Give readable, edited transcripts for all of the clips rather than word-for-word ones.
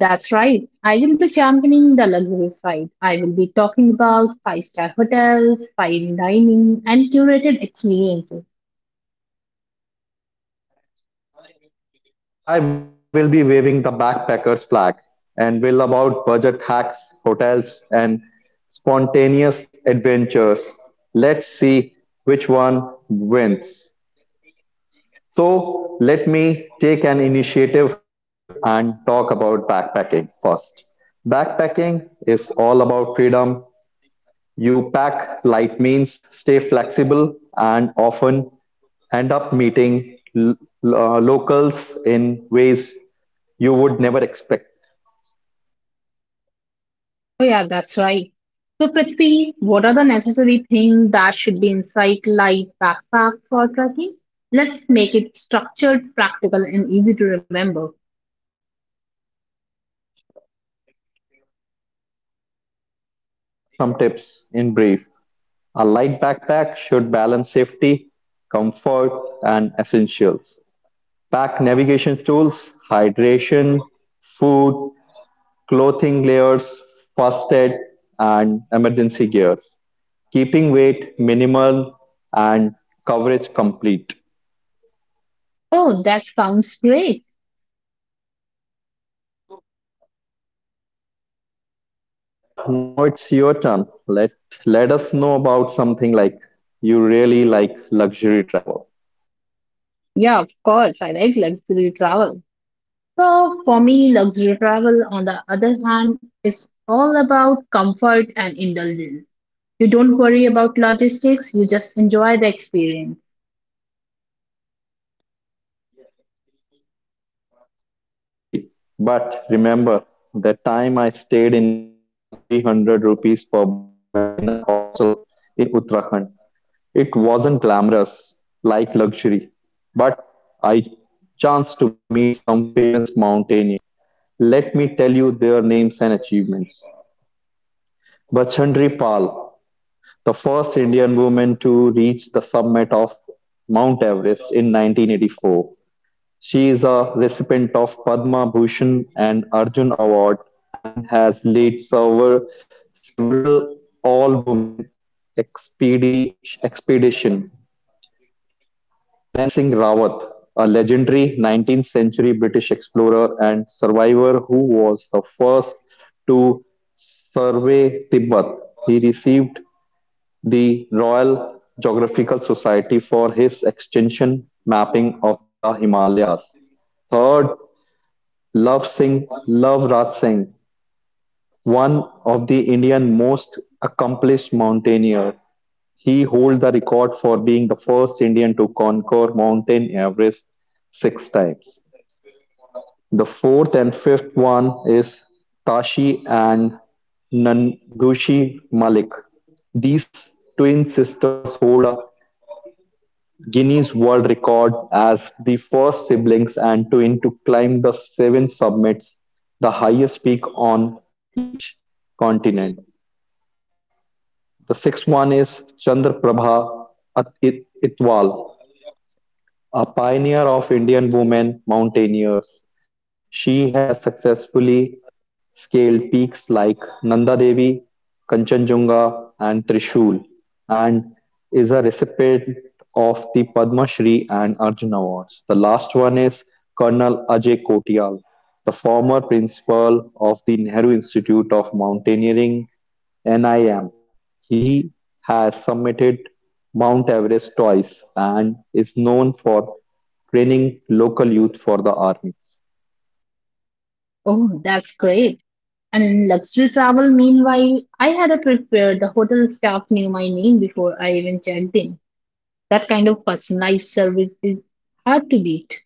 That's right. I will be championing the luxury side. I will be talking about five-star hotels, fine dining, and curated experiences. And I will be waving the backpackers flag and will about budget hacks, hotels and spontaneous adventures. Let's see which one wins. So let me take an initiative and talk about backpacking first. Backpacking is all about freedom. You pack light means stay flexible and often end up meeting locals in ways you would never expect. Oh, yeah, that's right. So, Prithvi, what are the necessary things that should be inside light backpack for trekking? Let's make it structured, practical, and easy to remember. Sure, let me share some tips in brief. A light backpack should balance safety, comfort, and essentials. Pack navigation tools, hydration, food, clothing layers, first aid, and emergency gears, keeping weight minimal and coverage complete. Oh, that sounds great. So Trisha, now it's your turn. Let us know about something like you really like luxury travel. Yeah, of course. I like luxury travel. So for me, luxury travel, on the other hand, is all about comfort and indulgence. You don't worry about logistics, you just enjoy the experience. Yes, it could be. But remember the time I stayed in a 300 rupees per bed in a hostel in Uttarakhand. It wasn't glamorous, like luxury, but I chanced to meet some famous mountaineers. Let me tell you their names and achievements. Bachandri Pal, the first Indian woman to reach the summit of Mount Everest in 1984. She is a recipient of Padma Bhushan and Arjun Award and has led several, all-women expedition. Nan Singh Rawat, a legendary 19th-century British explorer and survivor who was the first to survey Tibet, he received the Royal Geographical Society for his extension mapping of the Himalayas. Third, Love Raj Singh, one of the Indian most accomplished mountaineer, he holds the record for being the first Indian to conquer Mountain Everest six times. The fourth and fifth one is Tashi and Nangushi Malik. These twin sisters hold a Guinness World Record as the first siblings and twin to climb the seven summits, the highest peak on each continent. The sixth one is Chandraprabha At- Itwal. A pioneer of Indian women mountaineers, she has successfully scaled peaks like Nanda Devi, Kanchenjunga, and Trishul, and is a recipient of the Padma Shri and Arjuna Awards. The last one is Colonel Ajay Kotial, the former principal of the Nehru Institute of Mountaineering, NIM, he has summited Mount Everest twice and is known for training local youth for the army. Oh, that's great. And in luxury travel, meanwhile, I had a trip where the hotel staff knew my name before I even checked in. That kind of personalized service is hard to beat.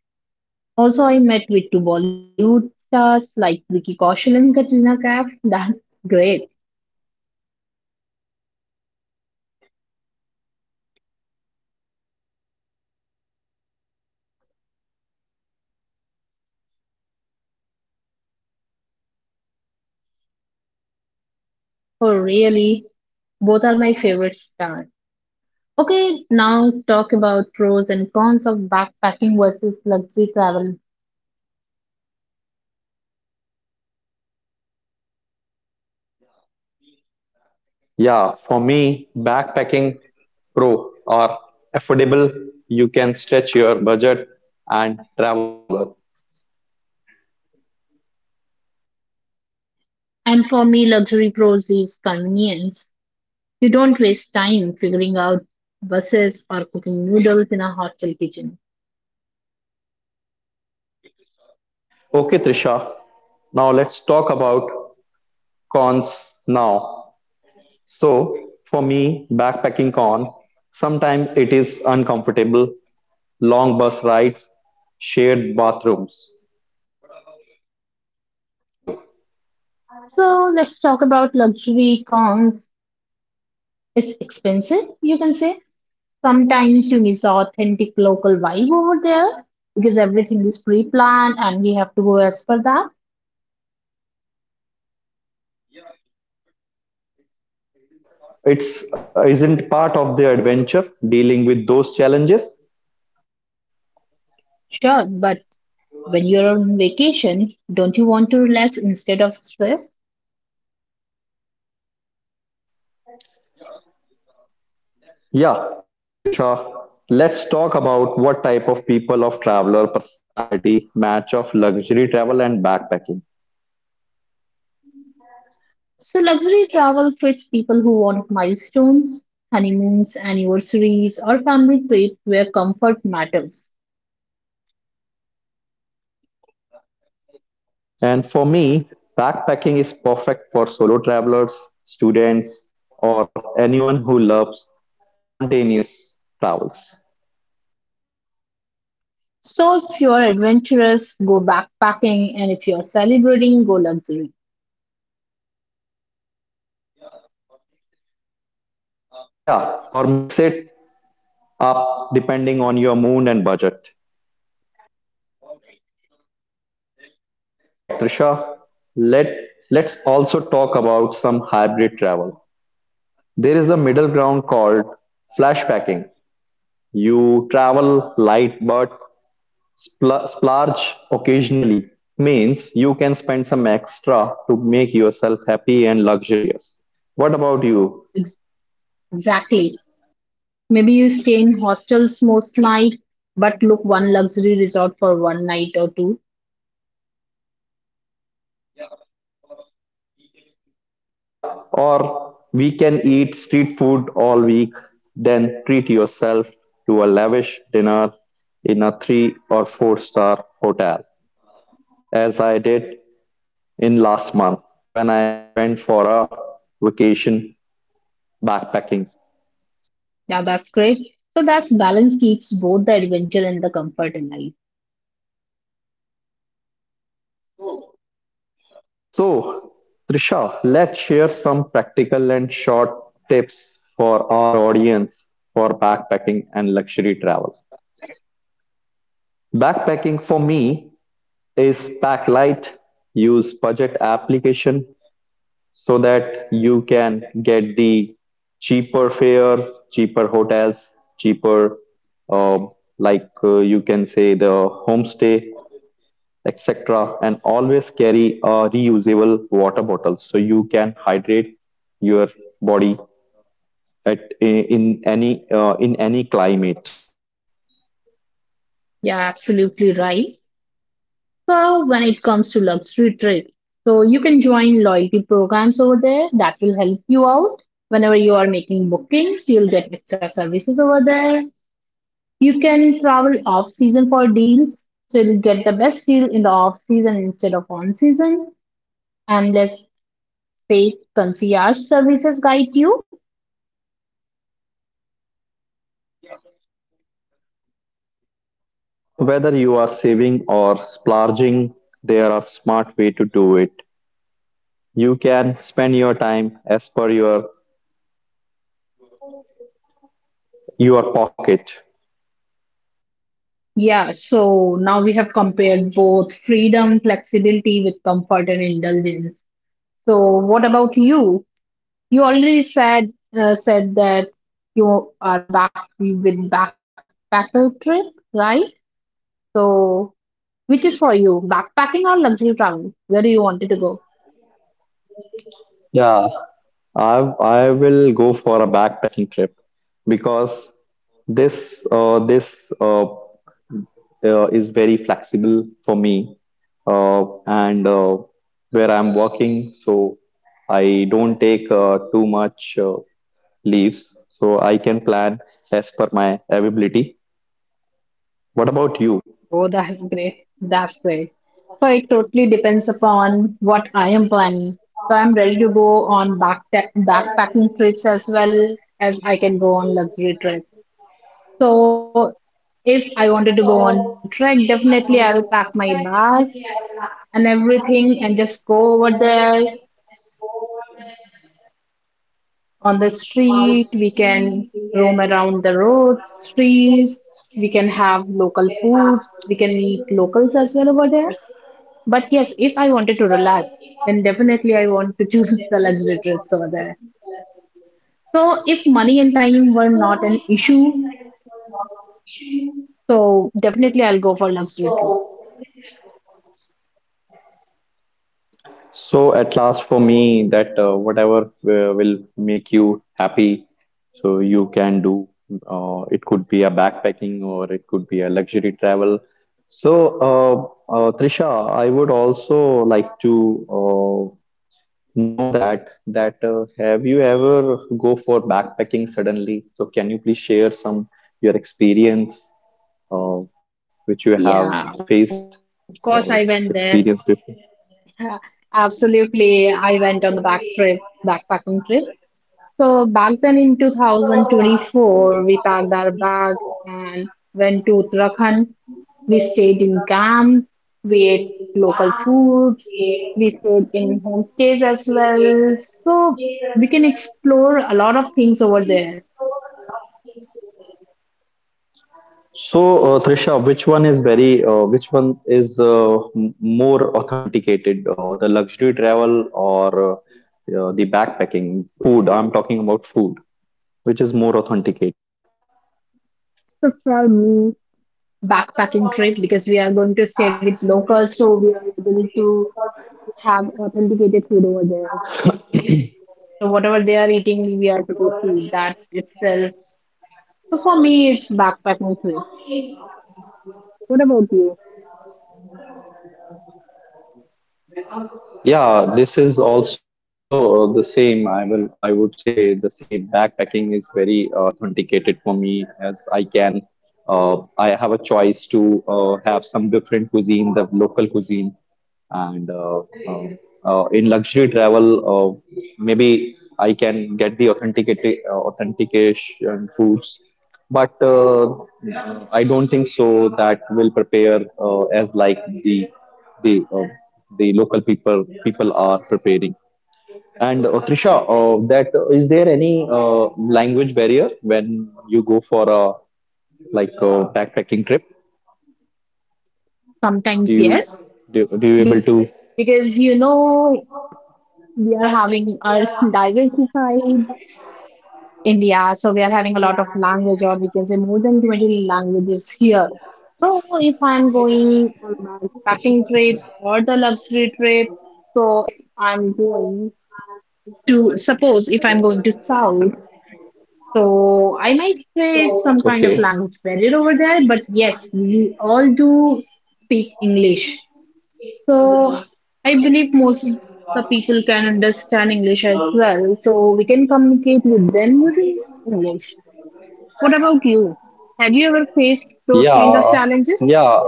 Also, I met with two Bollywood stars like Vicky Kaushal and Katrina Kaif. That's great. Oh, really? Both are my favorite style. Okay, now talk about pros and cons of backpacking versus luxury travel. Yeah, for me, backpacking pro or affordable, you can stretch your budget and travel longer. And for me, luxury pros is convenience. You don't waste time figuring out buses or cooking noodles in a hotel kitchen. Okay, Trisha, now let's talk about cons now. So, for me, backpacking cons, sometimes it is uncomfortable, long bus rides, shared bathrooms. What about you? So let's talk about luxury cons. It's expensive, you can say. Sometimes you miss authentic local vibe over there because everything is pre-planned and we have to go as per that. Yeah, Trisha, but it's isn't part of the adventure dealing with those challenges? Sure, but when you're on vacation, don't you want to relax instead of stress? Yeah, Trisha, let's talk about what type of people of traveler personality match of luxury travel and backpacking. So, luxury travel fits people who want milestones, honeymoons, anniversaries, or family trips where comfort matters. And for me, backpacking is perfect for solo travelers, students, or anyone who loves spontaneous travels. So, if you're adventurous, go backpacking, and if you're celebrating, go luxury. Yeah, or mix it up depending on your mood and budget. Alright, Trisha, let, let's also talk about some hybrid travel. There is a middle ground called flashpacking. You travel light but splurge occasionally, means you can spend some extra to make yourself happy and luxurious. What about you? Ex- Exactly. Maybe you stay in hostels most night, but look one luxury resort for one night or two. Yeah, or we can eat street food all week, then treat yourself to a lavish dinner in a three or four-star hotel, as I did in last month when I went for a vacation backpacking. Yeah, that's great. So that's balance keeps both the adventure and the comfort alive. So, Trisha, let's share some practical and short tips for our audience for backpacking and luxury travel. Backpacking for me is pack light, use budget application so that you can get the cheaper fare, cheaper hotels, cheaper um, you can say the homestay etc. And always carry a reusable water bottle so you can hydrate your body at in any climate. Yeah, absolutely right. So when it comes to luxury trips, so you can join loyalty programs over there that will help you out. Whenever you are making bookings, you'll get extra services over there. You can travel off season for deals, so you'll get the best deal in the off season instead of on season. And let's say concierge services guide you. Yeah, so whether you are saving or splurging, there are smart way to do it. You can spend your time as per your pocket. Yeah, so now we have compared both freedom, flexibility with comfort and indulgence. So what about you? You already said that you are back with backpacker trip, right? So, which is for you, backpacking or luxury travel? Yes. Where do you wanted to go? Yeah, I will go for a backpacking trip because this is very flexible for me and where I'm working, so I don't take too much leaves, so I can plan as per my availability. What about you? Oh, that's great. That's great. So it totally depends upon what I am planning. So I'm ready to go on backpacking trips as well as I can go on luxury trips. So if I wanted to go on trek, definitely I will pack my bags and everything and just go over there on the street. We can roam around the roads, trees. We can have local foods. We can meet locals as well over there. But yes, if I wanted to relax, then definitely I want to choose the luxury trips over there. So if money and time were not an issue, so definitely I'll go for luxury trip. So at last for me that whatever will make you happy, so you can do. It could be a backpacking or it could be a luxury travel. So Trisha, I would also like to know that have you ever go for backpacking suddenly? So can you please share some your experience uh, which you have Yeah, of course I faced went there. or experienced before? Absolutely, I went on the backpacking trip. So back then in 2024, we packed our bag and went to Uttarakhand. We stayed in camp, we ate local foods, we stayed in homestays as well. So we can explore a lot of things over there. So, Trisha, which one is m- more authenticated, the luxury travel or the backpacking, the food? I'm talking about food. Which is more authenticated? So for me, backpacking trip because we are going to stay with locals, so we are able to have authenticated food over there. So whatever they are eating, we are supposed to eat that itself. So for me, it's backpacking trip. What about you? Yeah, this is also the same. I would say the same. Backpacking is very authenticated for me as I can. I have a choice to have some different cuisine, the local cuisine, and uh, in luxury travel, uh, maybe I can get the authenticated authentication foods, but I don't think so that will prepare as like the the local people are preparing. And Trisha, that is there any language barrier when you go for a like a backpacking trip? Do Sometimes you yes, do you able because to? you know we are having our diversified India, so we are having a lot of language, or we can say more than 20 languages here. So if I'm going on a backpacking trip or the luxury trip, so if I'm going to suppose if I'm going to South. So I might say it's some kind of Okay. language barrier over there, but yes, we all do speak English. So I believe most of the people can understand English as well. So we can communicate with them using English. What about you? Have you ever faced those kind of yeah challenges? yeah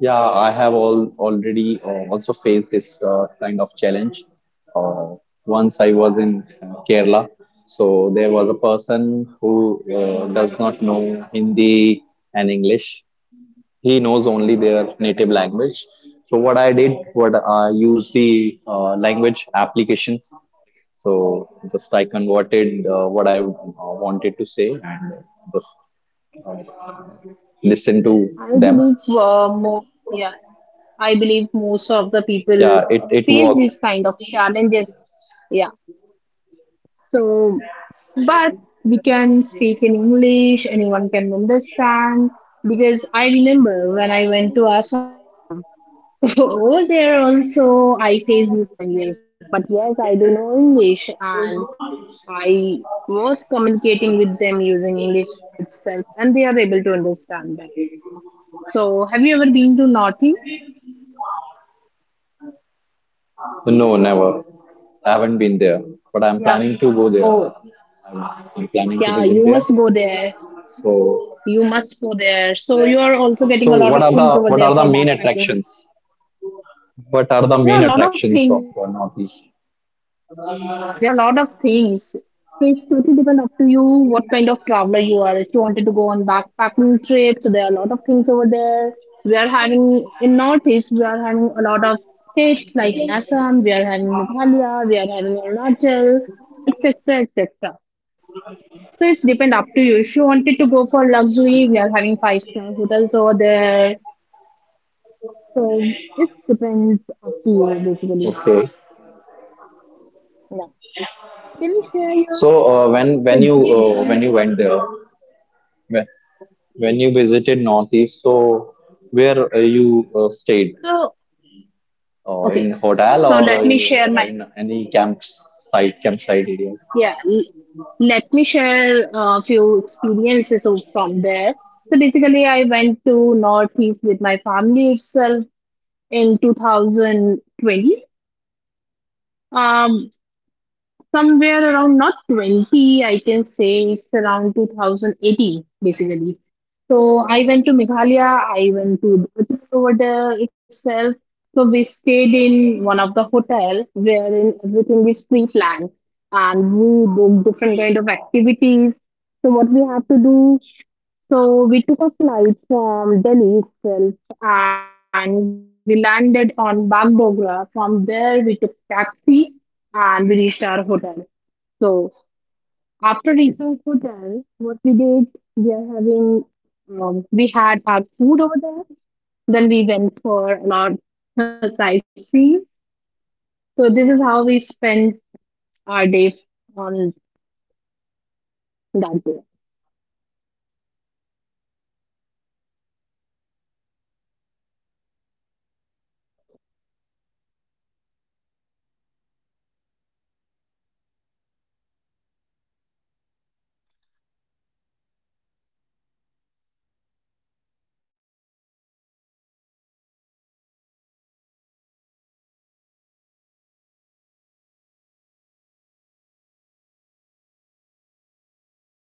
yeah, I have all already also faced this kind of challenge. Uh, Once I was in Kerala, so there was a person who does not know Hindi and English. He knows only their native language. What I used the language applications. So just I converted what I wanted to say and just uh, listen to I them. believe mo yeah, I believe most of the people Yeah, it face worked. these kind of challenges. Yeah. So, but we can speak in English, anyone can understand. Because I remember when I went to Assam, over there also I faced these kind of challenges. But yes, I do know English and I was communicating with them using English itself, and they are able to understand that. So, have you ever been to Northeast? No, never. I haven't been there, but I'm Yeah. planning to go there. Oh, I'm planning to yeah, visit you there. must go there. So, You must go there. So, you are also so, getting a what are lot of the things over there for main backpacking. attractions? What are the main There are a lot of attractions of things. Northeast? There are a lot of things. So it's totally depend up to you what kind of traveler you are. If you wanted to go on backpacking trip, so there are a lot of things over there. We are having in Northeast, we are having a lot of states like Assam, we are having Meghalaya, we are having Arunachal, etc., etc. So it's depend up to you. If you wanted to go for luxury, we are having five-star hotels over there. So it depends up to you basically. Okay. Yeah. Can you share your So example? When you went there, when, when you visited Northeast, so where you stayed? So, Oh, okay. in hotel So let or me share in any camps site campsite areas? yeah. l- Let me share a few experiences of, from there. So basically, I went to Northeast with my family itself in 2020. Um, Somewhere around not 20, I can say it's around 2018, basically. So I went to Meghalaya, I went to Darjeeling over there itself. So we stayed in one of the hotel wherein everything is pre-planned and we did different kind of activities. So what we had to do, so we took a flight from Delhi itself and we landed on Bagdogra. From there we took taxi and we reached our hotel. So after reaching hotel, what we did, we are having, we had our food over there. Then we went for a lot of sightseeing. So this is how we spent our day on that day. Oh, that's great. Thank you for sharing this, your experience with us. And one other question in my mind, some other question are in my mind that is there any issue with the weather or weather condition as we have we born and brought up in the in Delhi. So whenever we go there and visit these kind of places,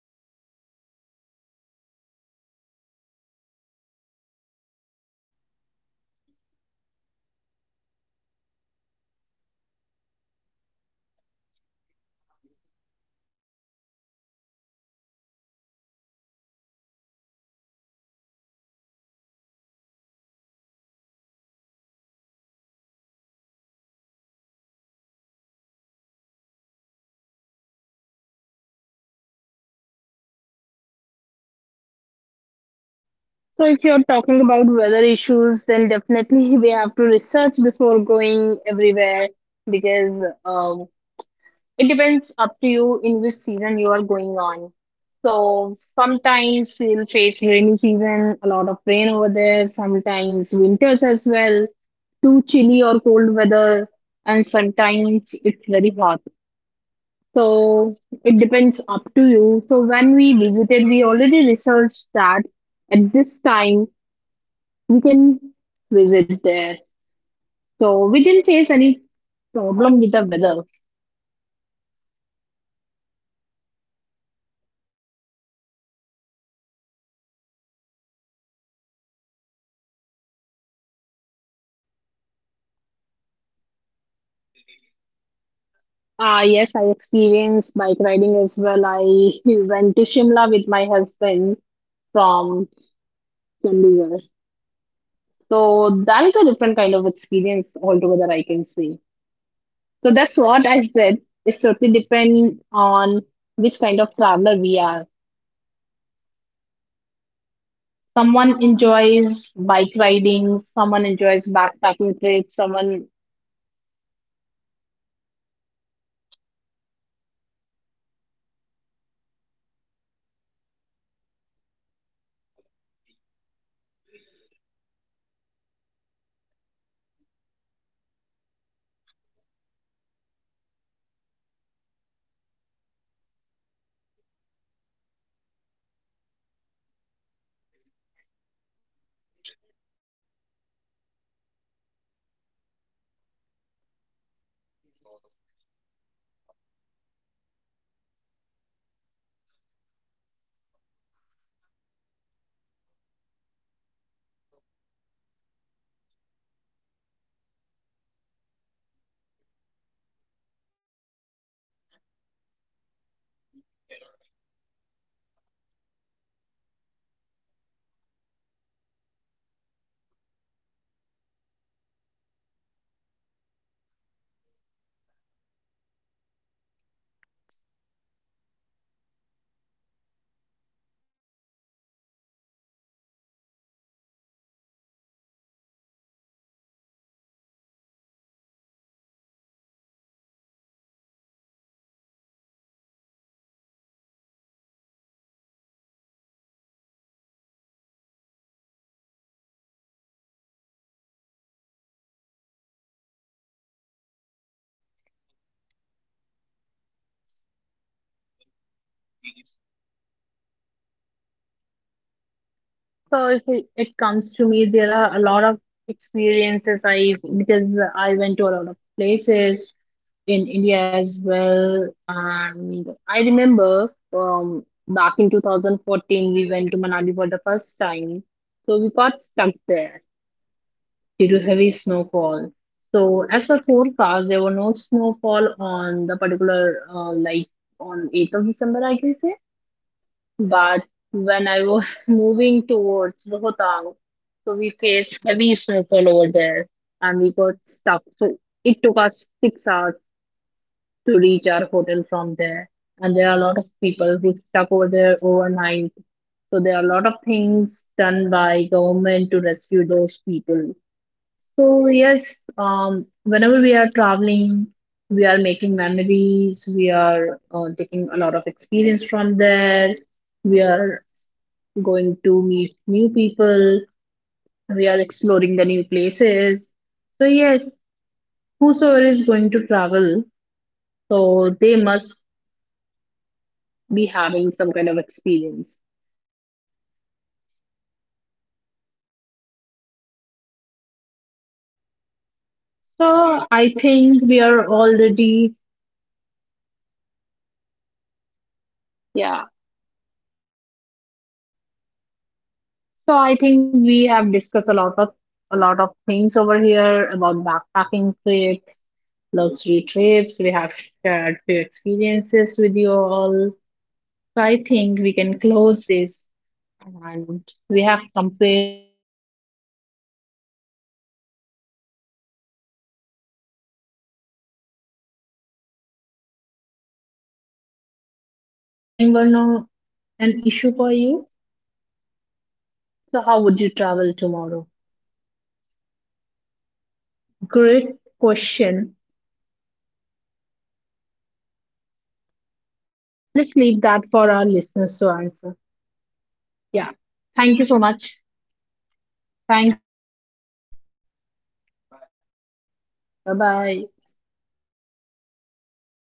so subtitle. So we'll face any issue regarding the weather. My question. So my question is that whenever we go this uh, visit, go or visit these type of places, as you said, northeast or so, is there any weather issue which we can face? So if you're Can we talking face? about weather issues, then definitely we have to research before going everywhere because it depends up to you in which season you are going on. So sometimes we'll face rainy season, a lot of rain over there, sometimes winters as well, too chilly or cold weather, and sometimes it's very hot. So it depends up to you. So when we visited, we already researched that at this time we can visit there. So we didn't face any problem with the weather. Hey, Trisha, thank you so much for sharing this. So, have you ever experienced with bike riding and go somewhere in Ah, yes, I mountain areas? experienced bike riding as well. I went to Shimla with my husband from Chandigarh. So that is a different kind of experience altogether, I can say. So that's what I said. It's totally depend on which kind of traveler we are. Someone enjoys bike riding, someone enjoys backpacking trips, someone. Yeah, I really like enjoy bike riding, and I also been like you can say Ladakh, once in 2016, and it was a memorable trip for me. Uh, uh, I was really happy, and I learned a lot by this trip because you you have to face different different weather. As I when I was in Delhi till Ludhiana, it was very hot, and when I just entered in Jammu and Kashmir, it was so cold. So and I have seen most of like you can say the you you cannot believe on your eye and whenever you will see the uh, Pangong Lake and some monasteries which are very beautiful and uh, you will like you will be very like you can say you won't believe on your eye whenever you will see these type of things there. So it was a very, very long trip for me. It was a 16 days trip for me, and it was very splendid travel or experience for me. So Trisha, would you like to share some other experience, travel So if experience it, with us? it comes to me, there are a lot of experiences I because I went to a lot of places in India as well. And I remember back in 2014, we went to Manali for the first time. So we got stuck there due to heavy snowfall. So as per forecast, there were no snowfall on the particular, like on 8th of December, I can say. But when I was moving towards Rohtang, so we faced heavy snowfall over there and we got stuck. So it took us 6 hours to reach our hotel from there. And there are a lot of people who stuck over there overnight. So there are a lot of things done by government to rescue those people. So yes, whenever we are traveling, we are making memories. We are taking a lot of experience from there. We are going to meet new people. We are exploring the new places. So yes, whosoever is going to travel, so they must be having some kind of experience. So I think we are already, yeah. So I think we have discussed a lot of things over here about backpacking trips, luxury trips. We have shared few experiences with you all. So I think we can close this. And we have compared freedom and flexibility with comfort and indulgence. So basically, at the end of the day, it's about what kind of traveler you are. If money and time were not an issue for you, so how would you travel tomorrow? Great question. Let's leave that for our listeners to answer. Yeah. Thank you so much. Thank you, Prasvi. Bye bye.